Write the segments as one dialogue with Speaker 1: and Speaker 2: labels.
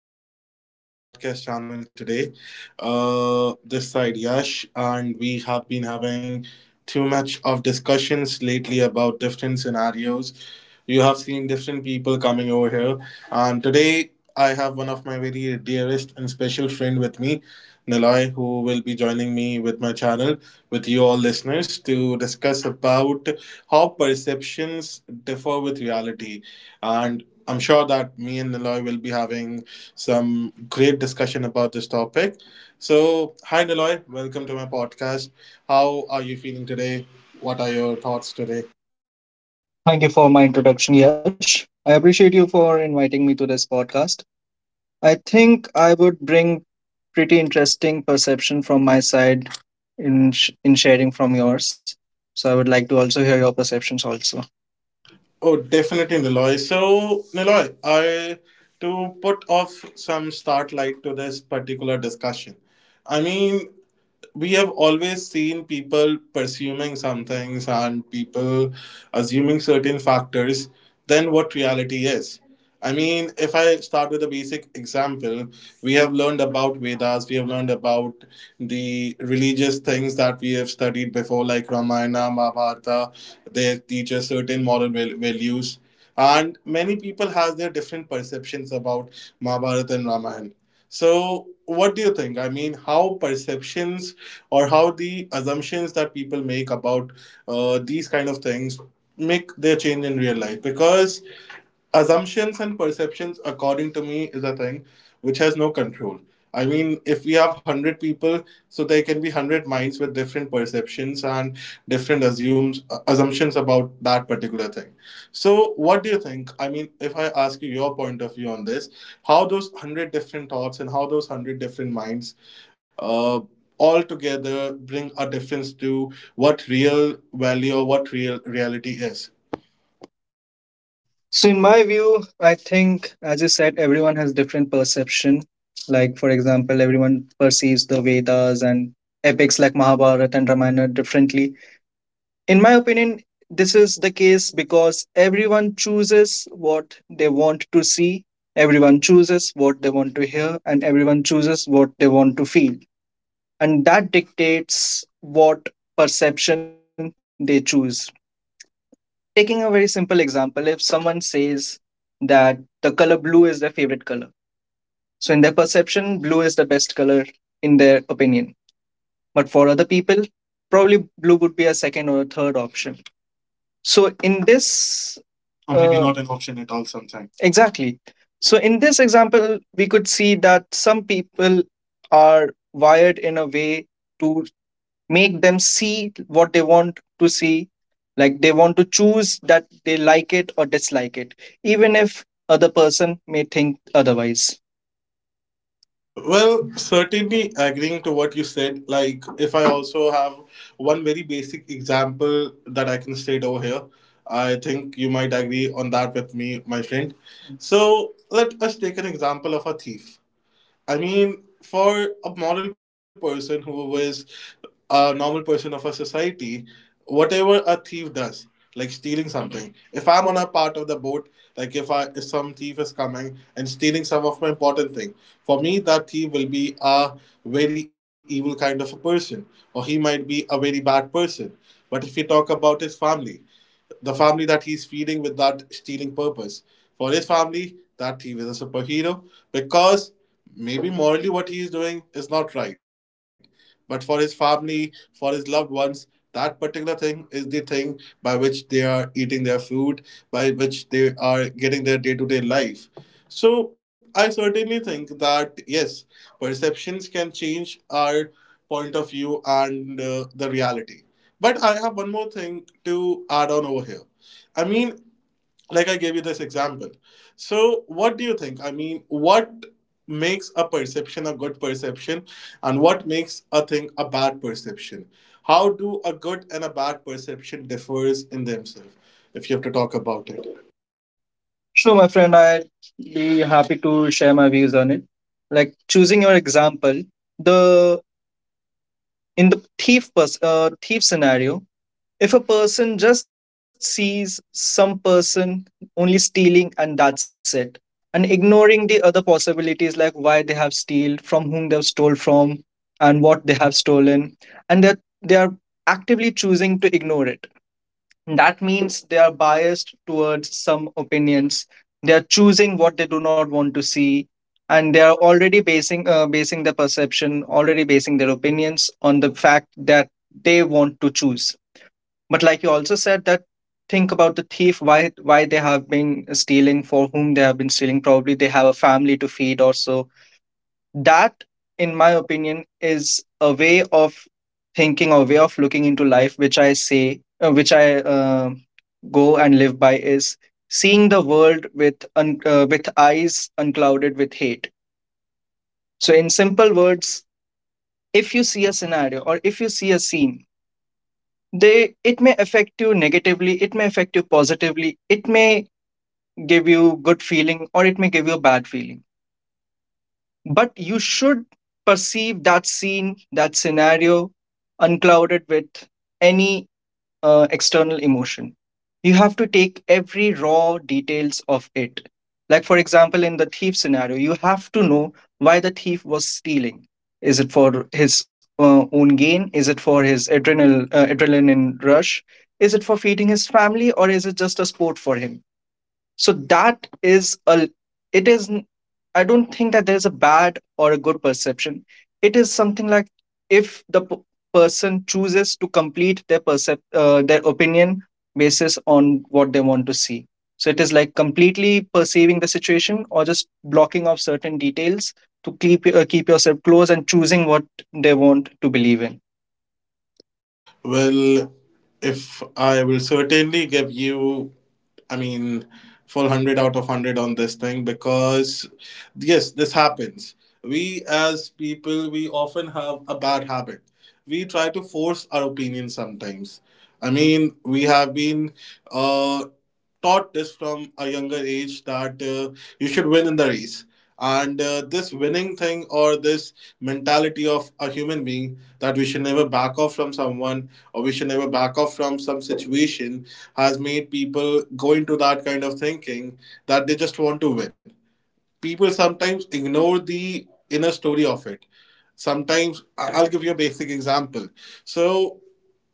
Speaker 1: Welcome back to my podcast channel today. This side Yash, and we have been having too much of discussions lately about different scenarios. You have seen different people coming over here, and today I have one of my very dearest and special friend with me, Niloy, who will be joining me with my channel with you all listeners to discuss about how perceptions differ with reality, and I'm sure that me and Niloy will be having some great discussion about this topic. So, hi Niloy, welcome to my podcast. How are you feeling today? What are your thoughts today?
Speaker 2: Thank you for my introduction, Yash. I appreciate you for inviting me to this podcast. I think I would bring pretty interesting perception from my side in sharing from yours. So I would like to also hear your perceptions also.
Speaker 1: Oh, definitely, Niloy. So, Niloy, I to put off some start light to this particular discussion. I mean, we have always seen people pursuing some things and people assuming certain factors than what reality is. I mean, if I start with a basic example, we have learned about Vedas, we have learned about the religious things that we have studied before, like Ramayana, Mahabharata. They teach us certain values, and many people has their different perceptions about Mahabharata and Ramayana. So, what do you think? I mean, how perceptions or how the assumptions that people make about these kind of things make their change in real life? Because assumptions and perceptions, according to me, is a thing which has no control. I mean, if we have 100 people, so there can be 100 minds with different perceptions and assumptions about that particular thing. So, what do you think? I mean, if I ask you your point of view on this, how those hundred different thoughts and how those hundred different minds uh, all together bring a difference to what real value or what real reality is.
Speaker 2: So in my view, I think as you said, everyone has different perception. Like for example, everyone perceives the Vedas and epics like Mahabharata and Ramayana differently. In my opinion, this is the case because everyone chooses what they want to see, everyone chooses what they want to hear, and everyone chooses what they want to feel. And that dictates what perception they choose. Taking a very simple example, if someone says that the color blue is their favorite color, so in their perception, blue is the best color in their opinion. But for other people, probably blue would be a second or a third option. So in this Uh, Exactly. So in this example, we could see that some people are wired in a way to make them see what they want to see. Like they want to choose that they like it or dislike it, even if other person may think otherwise.
Speaker 1: Well, certainly agreeing to what you said. Like, if I also have one very basic example that I can state over here, I think you might agree on that with me, my friend. So, let us take an example of a thief. I mean, for a moral person who is a normal person of a society, whatever a thief does, like stealing something, if I'm on a part of the boat, like if some thief is coming and stealing some of my important thing, for me that thief will be a very evil kind of a person, or he might be a very bad person. But if you talk about his family, the family that he's feeding with that stealing purpose. For his family, that he was a superhero because maybe morally what he is doing is not right. But for his family, for his loved ones, that particular thing is the thing by which they are eating their food, by which they are getting their day to day life. So I certainly think that yes, perceptions can change our point of view and the reality. But I have one more thing to add on over here. I mean, like I gave you this example. So, what do you think? I mean, what makes a perception a good perception, and what makes a thing a bad perception? How do a good and a bad perception differs in themselves if you have to talk about it?
Speaker 2: True, my friend, I'd be happy to share my views on it. Like choosing your example, the in the thief scenario, if a person just sees some person only stealing and that's it, and ignoring the other possibilities like why they have steal, from whom they've stole from, and what they have stolen, and that they are actively choosing to ignore it. That means they are biased towards some opinions. They are choosing what they do not want to see, and they are already basing their perception, already basing their opinions on the fact that they want to choose. But like you also said that, think about the thief, why they have been stealing, for whom they have been stealing, probably they have a family to feed or so. That, in my opinion, is a way of thinking or way of looking into life, which I go and live by, is seeing the world with with eyes unclouded with hate. So in simple words, if you see a scenario or if you see a scene, they it may affect you negatively, it may affect you positively, it may give you good feeling or it may give you a bad feeling, but you should perceive that scene, that scenario, unclouded with any external emotion. You have to take every raw details of it. Like for example, in the thief scenario, you have to know why the thief was stealing. Is it for his own gain? Is it for his adrenaline rush? Is it for feeding his family, or is it just a sport for him? So that is a it is n- I don't think that there's a bad or a good perception. It is something like, if the person chooses to complete their opinion basis on what they want to see. So it is like completely perceiving the situation, or just blocking off certain details to keep yourself close, and choosing what they want to believe in.
Speaker 1: Well, if I will certainly give you I mean, full 100 out of 100 on this thing because, yes, this happens. We as people, we often have a bad habit. We try to force our opinion sometimes. I mean, we have been uh, taught this from a younger age that you should win in the race. And this winning thing or this mentality of a human being that we should never back off from someone or we should never back off from some situation has made people go into that kind of thinking that they just want to win. People sometimes ignore the inner story of it. Sometimes I'll give you a basic example. So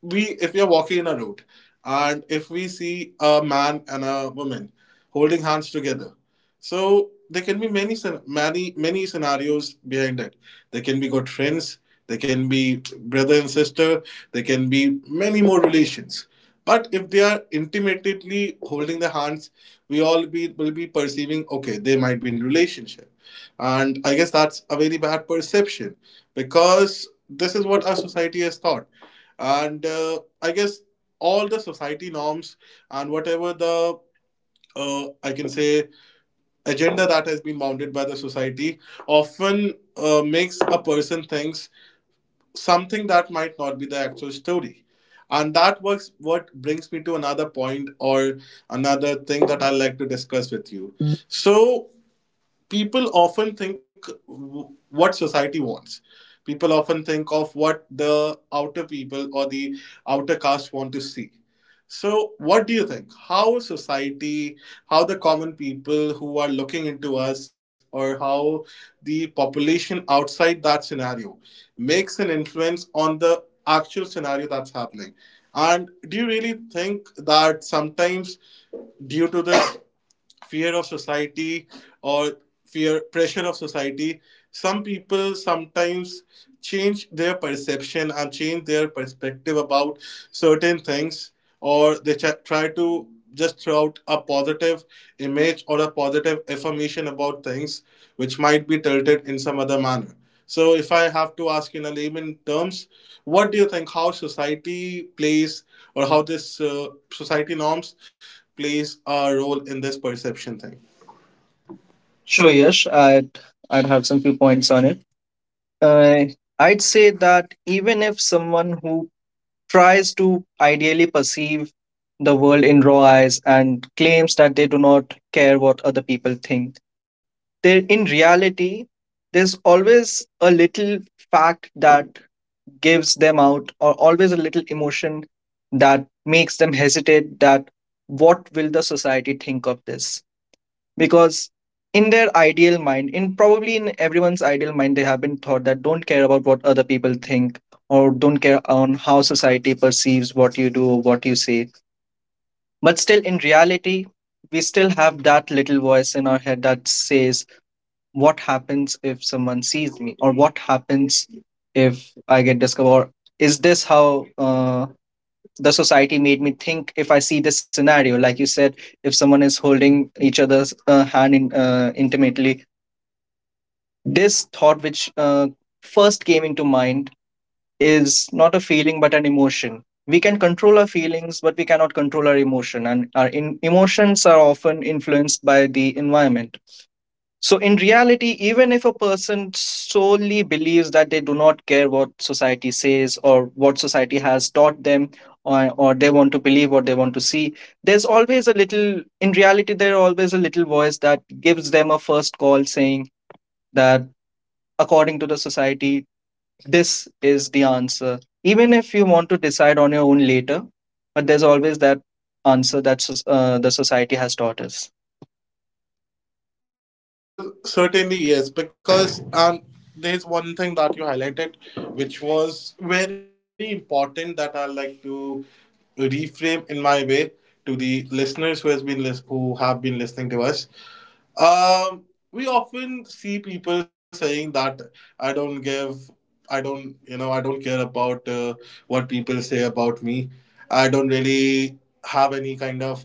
Speaker 1: we if we are walking in a road and if we see a man and a woman holding hands together, so there can be many scenarios behind it. There can be good friends, there can be brother and sister, there can be many more relations. But if they are intimately holding the hands, we all be will be perceiving okay they might be in relationship, and I guess that's a very bad perception because this is what our society has thought. And I guess all the society norms and whatever the I can say agenda that has been mounted by the society often makes a person thinks something that might not be the actual story. And that works what brings me to another point or another thing that I like to discuss with you. So people often think what society wants. People often think of what the outer people or the outer caste want to see. So, what do you think? How society, how the common people who are looking into us, or how the population outside that scenario makes an influence on the actual scenario that's happening? And do you really think that sometimes, due to this fear of society or fear pressure of society, some people sometimes change their perception and change their perspective about certain things, or they try to just throw out a positive image or a positive affirmation about things which might be tilted in some other manner. So if I have to ask in a layman terms, what do you think how society plays or how this society norms plays a role in this perception thing?
Speaker 2: Sure, yes, I'd have some few points on it. uh, I'd say that even if someone who tries to ideally perceive the world in raw eyes and claims that they do not care what other people think. There, in reality, there's always a little fact that gives them out, or always a little emotion that makes them hesitate. That, what will the society think of this? Because in probably in everyone's ideal mind, they have been taught that don't care about what other people think, or don't care on how society perceives what you do or what you say. But still, in reality, we still have that little voice in our head that says, what happens if someone sees me, or what happens if I get discovered, or is this how the society made me think. If I see this scenario, like you said, if someone is holding each other's hand in, intimately. This thought, which first came into mind, is not a feeling but an emotion. We can control our feelings, but we cannot control our emotion, and our emotions are often influenced by the environment. So, in reality, even if a person solely believes that they do not care what society says or what society has taught them, or they want to believe what they want to see, there's always a little, in reality, there's always a little voice that gives them a first call, saying that according to the society, this is the answer. Even if you want to decide on your own later, but there's always that answer that the society has taught us.
Speaker 1: Well, certainly yes, because there's one thing that you highlighted, which was very important that I like to reframe in my way to the listeners who who have been listening to us. Um, we often see people saying that I don't give, I don't, you know, I don't care about what people say about me. I don't really have any kind of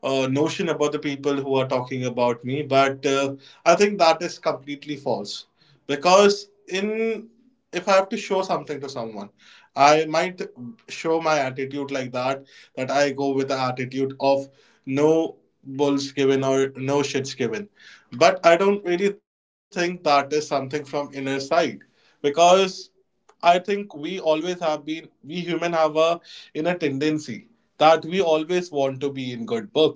Speaker 1: notion about the people who are talking about me. But I think that is completely false because in if I have to show something to someone, I might show my attitude like that. That I go with the attitude of no bulls given or no shits given. But I don't really think that is something from inner side because I think we always have been we human have a inner tendency that we always want to be in good books.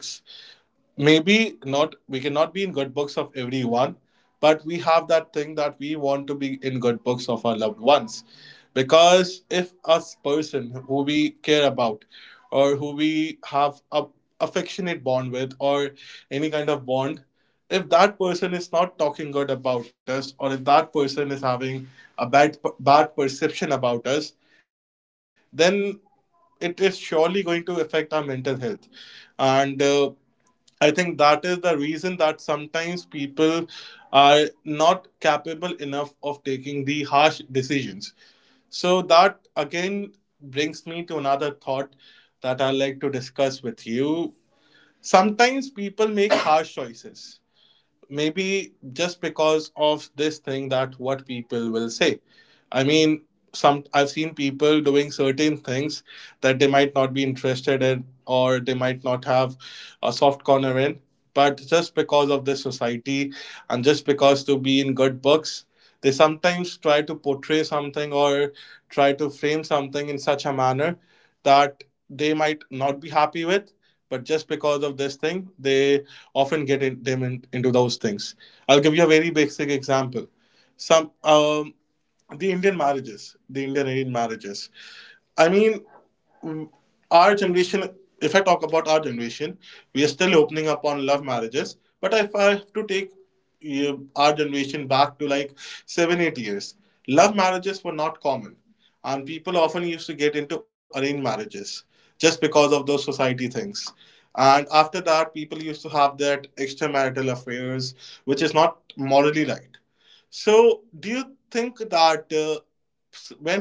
Speaker 1: Maybe not, we cannot be in good books of everyone, but we have that thing that we want to be in good books of our loved ones. Because if us person who we care about or who we have a affectionate bond with or any kind of bond, if that person is not talking good about us or if that person is having a bad perception about us, then it is surely going to affect our mental health. And I think that is the reason that sometimes people are not capable enough of taking the harsh decisions. So, that again brings me to another thought that I like to discuss with you. Sometimes people make harsh choices, maybe just because of this thing that what people will say. I mean, some I've seen people doing certain things that they might not be interested in or they might not have a soft corner in. But just because of the society and just because to be in good books, they sometimes try to portray something or try to frame something in such a manner that they might not be happy with. But just because of this thing, they often get in, them in, into those things. I'll give you a very basic example. Some the Indian marriages, the Indian arranged marriages. I mean, mm, our generation, if I talk about our generation, we are still opening up on love marriages. But if I have to take our generation back to like 7, 8 years, love marriages were not common. And people often used to get into arranged marriages just because of those society things. And after that, people used to have that extramarital affairs, which is not morally right. So, do you think that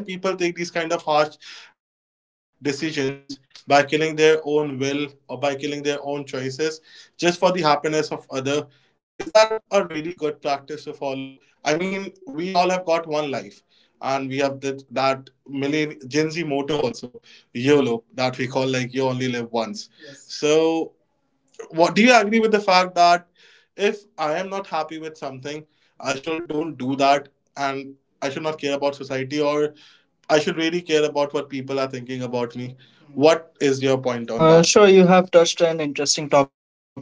Speaker 1: when people take these kind of harsh decisions by killing their own will or by killing their own choices just for the happiness of other, is that a really good practice to follow? I mean, we all have got one life, and we have that million gen Z motto also, YOLO, that we call like you only live once. Yes. So, what do you agree with the fact that if I am not happy with something, I should don't do that, and I should not care about society, or I should really care about what people are thinking about me. What is your point on that?
Speaker 2: Sure, you have touched an interesting topic here.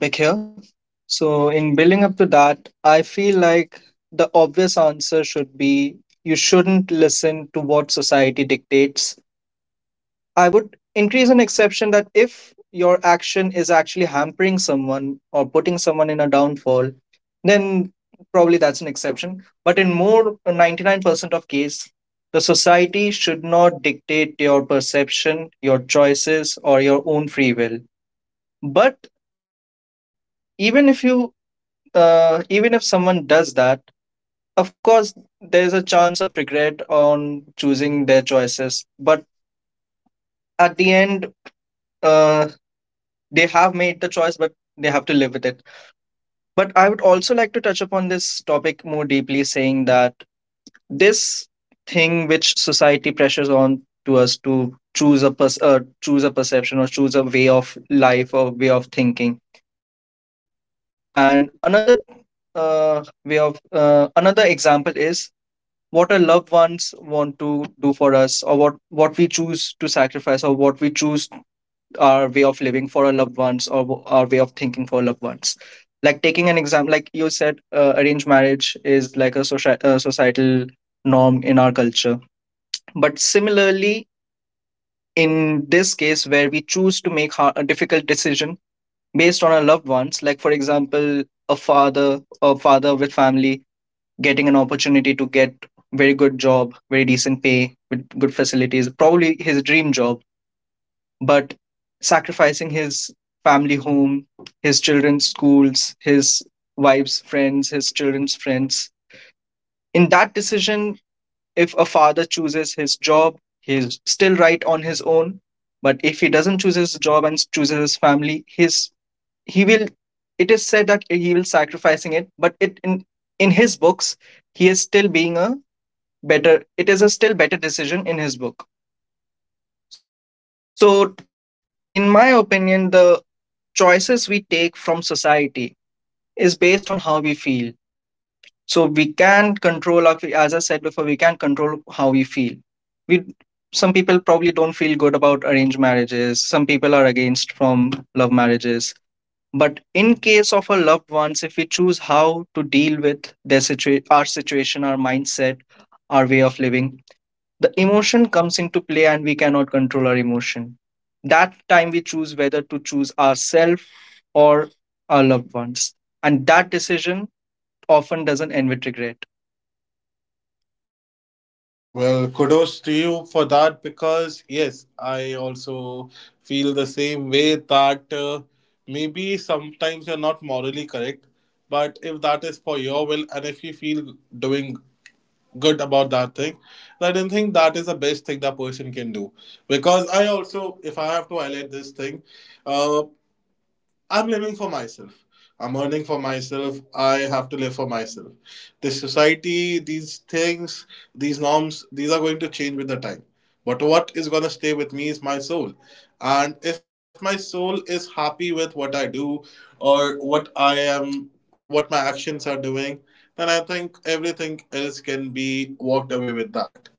Speaker 2: So, in building up to that, I feel like the obvious answer should be, you shouldn't listen to what society dictates. I would increase an exception that if your action is actually hampering someone or putting someone in a downfall, then probably that's an exception. But in more 99% of case, the society should not dictate your perception, your choices, or your own free will. But even if you, even if someone does that, of course, there is a chance of regret on choosing their choices. But at the end, uh, they have made the choice, but they have to live with it. But I would also like to touch upon this topic more deeply, saying that this thing which society pressures on to us to choose a choose a perception, or choose a way of life or way of thinking. And another way of another example is what our loved ones want to do for us, or what we choose to sacrifice, or what we choose, our way of living for our loved ones, or our way of thinking for loved ones. Like taking an exam, like you said, arranged marriage is like a societal norm in our culture. But similarly, in this case where we choose to make har a difficult decision based on our loved ones, like for example, a father a father with family getting an opportunity to get very good job, very decent pay with good facilities, probably his dream job, but sacrificing his family home, his children's schools, his wife's friends, his children's friends. In that decision, if a father chooses his job, he's still right on his own. But if he doesn't choose his job and chooses his family, his he will it is said that he will sacrificing it, but it in his books, he is still being a better it is a still better decision in his book. So, in my opinion, the choices we take from society is based on how we feel. So, we can control, our, as I said before, we can control how we feel. We Some people probably don't feel good about arranged marriages. Some people are against from love marriages. But in case of our loved ones, if we choose how to deal with our situation, our mindset, our way of living, the emotion comes into play, and we cannot control our emotion. That time we choose whether to choose ourselves or our loved ones, and that decision often doesn't end with regret.
Speaker 1: Well, kudos to you for that because, yes, I also feel the same way that maybe sometimes you're not morally correct, but if that is for your will and if you feel doing good about that thing, then I don't think that is the best thing that person can do. Because I also, if I have to highlight this thing, uh, I'm living for myself. I'm earning for myself. I have to live for myself. This society, these things, these norms, these are going to change with the time. But what is going to stay with me is my soul. And if my soul is happy with what I do or what I am, what my actions are doing, then I think everything else can be walked away with that.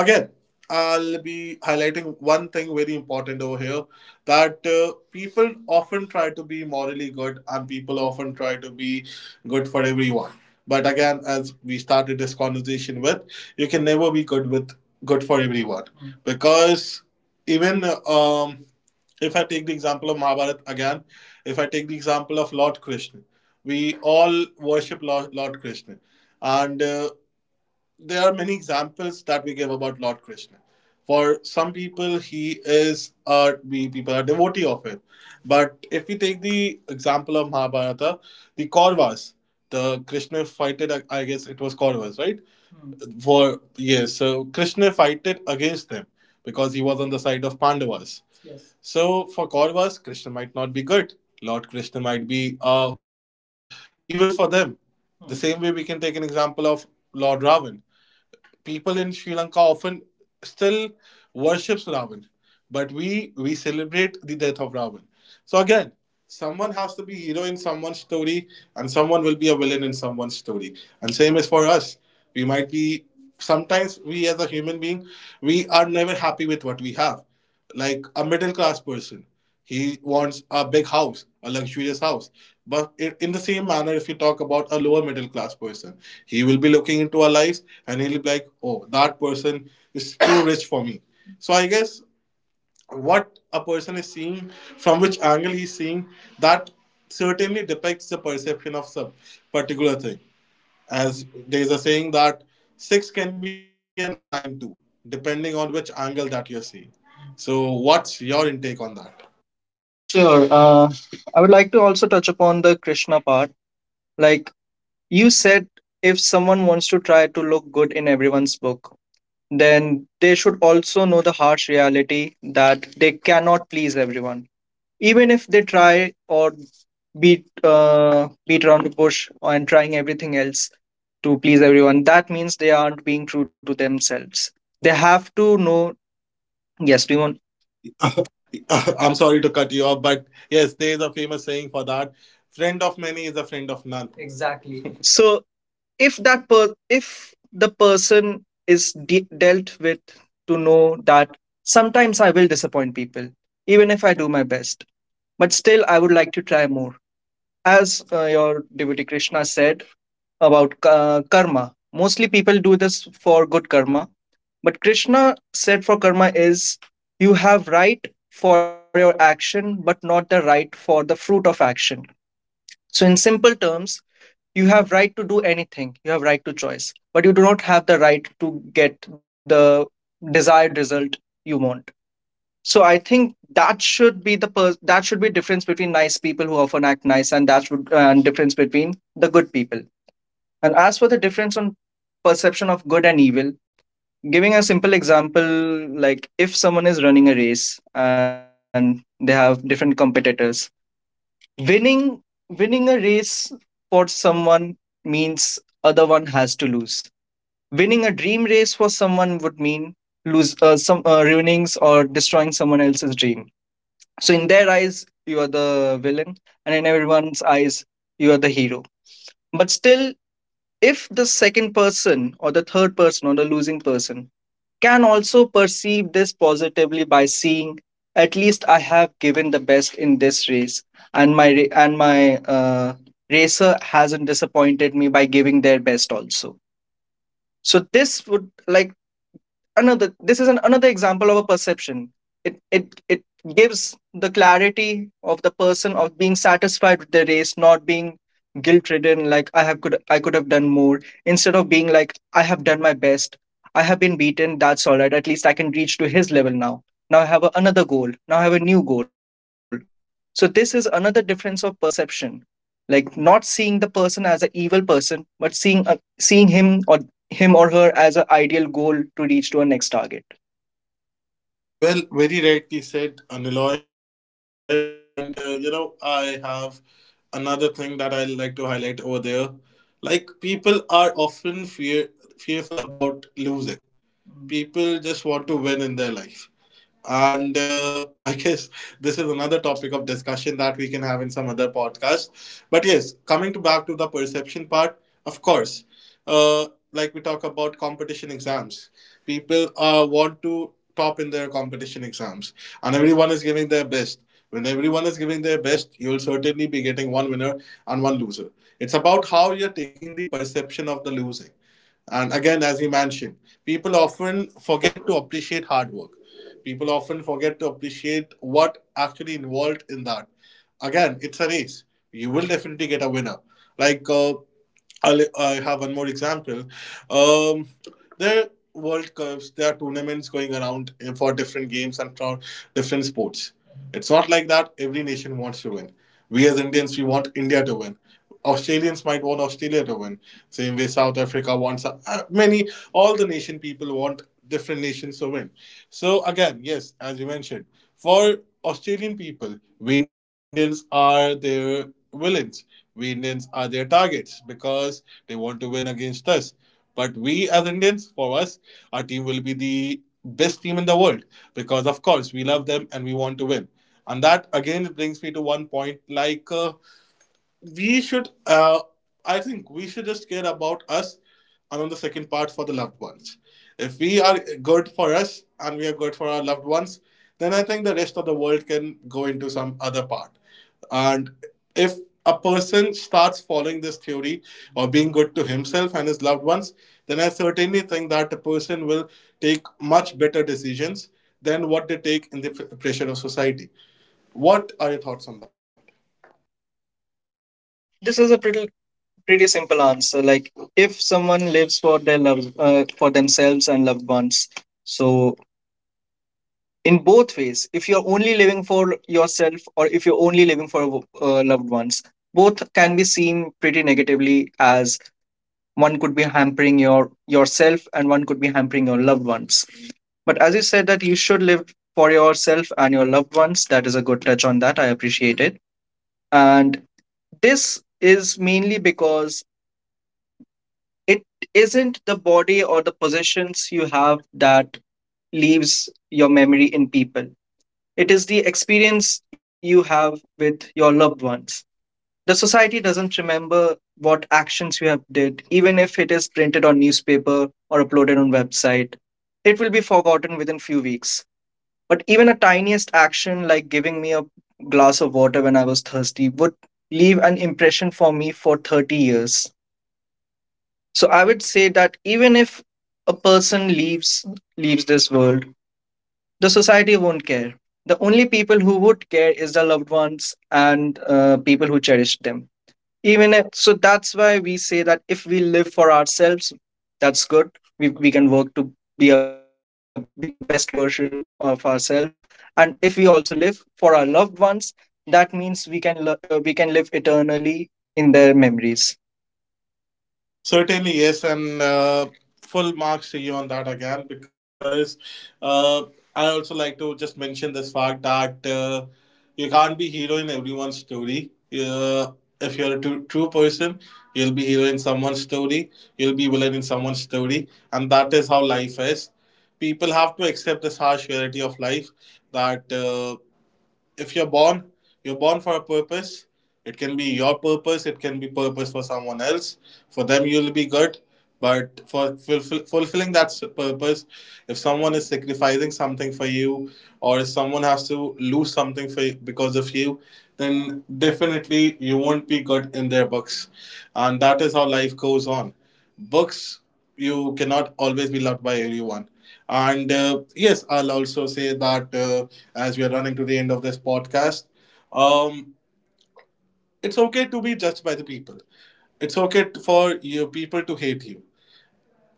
Speaker 1: Again, I'll be highlighting one thing very important over here that people often try to be morally good and people often try to be good for everyone. But again, as we started this conversation with, you can never be good with good for everyone because even if I take the example of Mahabharata again, if I take the example of Lord Krishna, we all worship Lord Krishna, and there are many examples that we give about Lord Krishna. For some people, he is a we people are devotee of him. But if we take the example of Mahabharata, the Kauravas, the Krishna fighted. I guess it was Kauravas, right? For yes, so Krishna fighted against them because he was on the side of Pandavas. So for Kauravas, Krishna might not be good. Lord Krishna might be evil for them. The same way we can take an example of Lord Ravan, people in Sri Lanka often still worships Ravan, but we celebrate the death of Ravan. So again, someone has to be hero in someone's story, and someone will be a villain in someone's story. And same is for us. We might be sometimes we as a human being we are never happy with what we have, like a middle class person. He wants a big house, a luxurious house. But in the same manner, if you talk about a lower middle class person, he will be looking into our lives and he'll be like, oh, that person is too rich for me. So I guess what a person is seeing, from which angle he's seeing, that certainly depicts the perception of some particular thing. As there's a saying that six can be a nine too, depending on which angle that you're seeing. So, what's your intake on that?
Speaker 2: Sure, I would like to also touch upon the Krishna part. Like you said, if someone wants to try to look good in everyone's book, then they should also know the harsh reality that they cannot please everyone, even if they try or beat around the bush and trying everything else to please everyone. That means they aren't being true to themselves. They have to know. Yes, demon.
Speaker 1: I'm sorry to cut you off, but yes, there is a famous saying for that. Friend of many is a friend of none. Exactly.
Speaker 2: So if if the person is dealt with to know that sometimes I will disappoint people even if I do my best, but still I would like to try more. As your devotee Krishna said about karma. Mostly people do this for good karma. But Krishna said for karma is, you have right for your action, but not the right for the fruit of action. So, in simple terms, you have right to do anything, you have right to choice, but you do not have the right to get the desired result you want. So I think that should be the that should be difference between nice people who often act nice, and that should and difference between the good people. And as for the difference on perception of good and evil. Giving a simple example, like if someone is running a race and they have different competitors, winning winning a race for someone means other one has to lose. Winning a dream race for someone would mean lose some ruining or destroying someone else's dream. So in their eyes, you are the villain, and in everyone's eyes, you are the hero. But still, if the second person or the third person or the losing person can also perceive this positively by seeing at least I have given the best in this race, and my racer hasn't disappointed me by giving their best also. So this would like another, this is another example of a perception. It gives the clarity of the person of being satisfied with the race, not being guilt ridden, like I could have done more, instead of being like I have done my best. I have been beaten, that's all right. At least I can reach to his level now. Now I have another goal. Now I have a new goal. So this is another difference of perception, like not seeing the person as an evil person but seeing him or her as an ideal goal to reach to a next target.
Speaker 1: Well, very rightly said, Aniloy. And you know, I have another thing that I like to highlight over there. Like people are often fearful about losing. People just want to win in their life. And I guess this is another topic of discussion that we can have in some other podcast. But yes, coming to back to the perception part, of course, uh, like we talk about competition exams, people want to top in their competition exams, and everyone is giving their best. When everyone is giving their best, you will certainly be getting one winner and one loser. It's about how you're taking the perception of the losing. And again, as you mentioned, people often forget to appreciate hard work. People often forget to appreciate what actually involved in that. Again, it's a race. You will definitely get a winner. Like I have one more example. Um, there are World Cups, there are tournaments going around for different games and for different sports. It's not like that every nation wants to win. We as Indians, we want India to win. Australians might want Australia to win. Same way South Africa wants many, all the nation people want different nations to win. So, again, yes, as you mentioned, for Australian people, we Indians are their villains. We Indians are their targets because they want to win against us. But we as Indians, for us, our team will be the best team in the world because, of course, we love them and we want to win. And that again brings me to one point, like. We should I think we should just care about us, and on the second part for the loved ones, if we are good for us and we are good for our loved ones, then I think the rest of the world can go into some other part. And if a person starts following this theory or being good to himself and his loved ones, then I certainly think that the person will take much better decisions than what they take in the pressure of society. What are your thoughts on that?
Speaker 2: Sure, like this is a pretty simple answer. Like if someone lives for their loved for themselves and loved ones, so in both ways, if you're only living for yourself or if you're only living for loved ones, both can be seen pretty negatively as one could be hampering yourself and one could be hampering your loved ones. But as you said that you should live for yourself and your loved ones, that is a good touch on that. I appreciate it. And this is mainly because it isn't the body or the possessions you have that leaves your memory in people. It is the experience you have with your loved ones. The society doesn't remember what actions you have did, even if it is printed on newspaper or uploaded on website. It will be forgotten within few weeks. But even a tiniest action like giving me a glass of water when I was thirsty would leave an impression for me for 30 years. So I would say that even if a person leaves this world, the society won't care. The only people who would care is the loved ones and people who cherish them. Even if, so, that's why we say that if we live for ourselves, that's good. We can work to be the best version of ourselves, and if we also live for our loved ones, that means we can live eternally in their memories.
Speaker 1: Certainly, yes, and full marks to you on that again because uh, I also like to just mention this fact that you can't be hero in everyone's story. If you're a true person, you'll be hero in someone's story, you'll be villain in someone's story, and that is how life is. People have to accept this harsh reality of life that. If you're born, you're born for a purpose. It can be your purpose. It can be purpose for someone else. For them, you'll be good. But for fulfilling that purpose, if someone is sacrificing something for you, or if someone has to lose something for you, because of you, then definitely you won't be good in their books, and that is how life goes on books. You cannot always be loved by everyone. And yes, I'll also say that as we are running to the end of this podcast, um, it's okay to be judged by the people, it's okay for you people to hate you.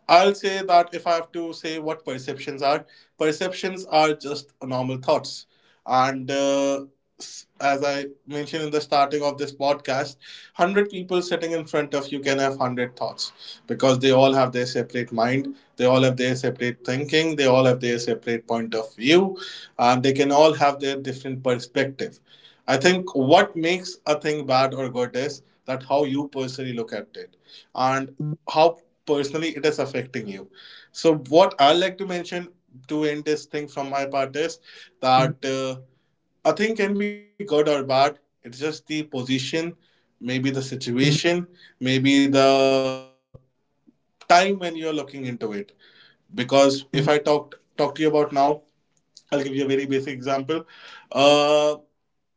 Speaker 1: I'll say that if I have to say what perceptions are just normal thoughts. And as I mentioned in the starting of this podcast, 100 people sitting in front of you can have 100 thoughts because they all have their separate mind, they all have their separate thinking, they all have their separate point of view, and they can all have their different perspective. I think what makes a thing bad or good is that how you personally look at it, and how personally it is affecting you. So what I like to mention to end this thing from my part is that a thing can be good or bad, it's just the position, maybe the situation, maybe the time when you're looking into it. Because if I talk to you about now, I'll give you a very basic example. uh,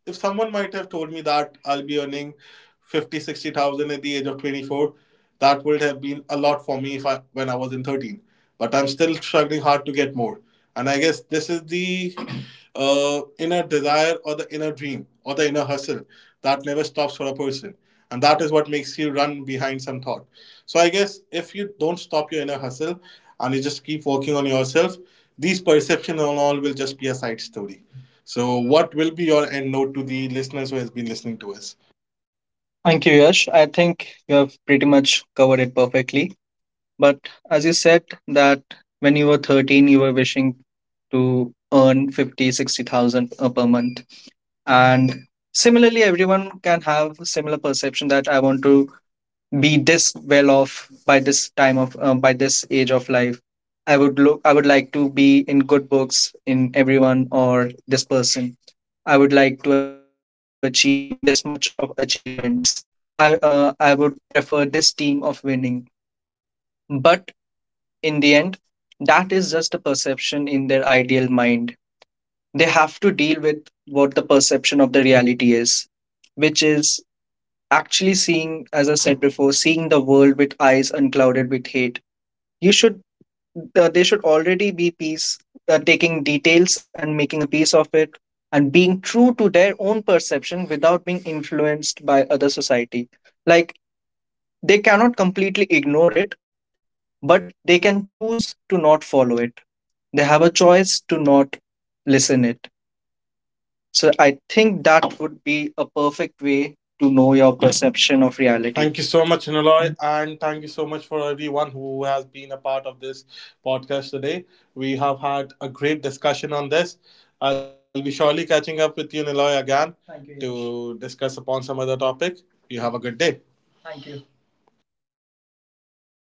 Speaker 1: if someone might have told me that I'll be earning 50, 60,000 at the age of 24, that would have been a lot for me if when I was in 13. But I'm still struggling hard to get more. And I guess this is the inner desire or the inner dream or the inner hustle that never stops for a person. And that is what makes you run behind some thought. So I guess if you don't stop your inner hustle and you just keep working on yourself, these perceptions and all will just be a side story. So, what will be your end note to the listeners who has been listening to us?
Speaker 2: Thank you, Yash. I think you have pretty much covered it perfectly. But as you said that when you were 13, you were wishing to earn 50, 60,000 per month. And similarly, everyone can have similar perception that I want to be this well off by this age of life. I would like to be in good books in everyone or this person. I would like to achieve this much of achievements. I would prefer this team of winning. But in the end, that is just a perception in their ideal mind. They have to deal with what the perception of the reality is, which is actually seeing, as I said before, seeing the world with eyes unclouded with hate. You should, they should already be piece taking details and making a piece of it, and being true to their own perception without being influenced by other society. Like they cannot completely ignore it, but they can choose to not follow it. They have a choice to not listen it. So I think that would be a perfect way to know your perception of reality.
Speaker 1: Thank you so much, Naloy, and thank you so much for everyone who has been a part of this podcast today. We have had a great discussion on this. I'll be surely catching up with you, Niloy, again to discuss upon some other topic. You have a good day.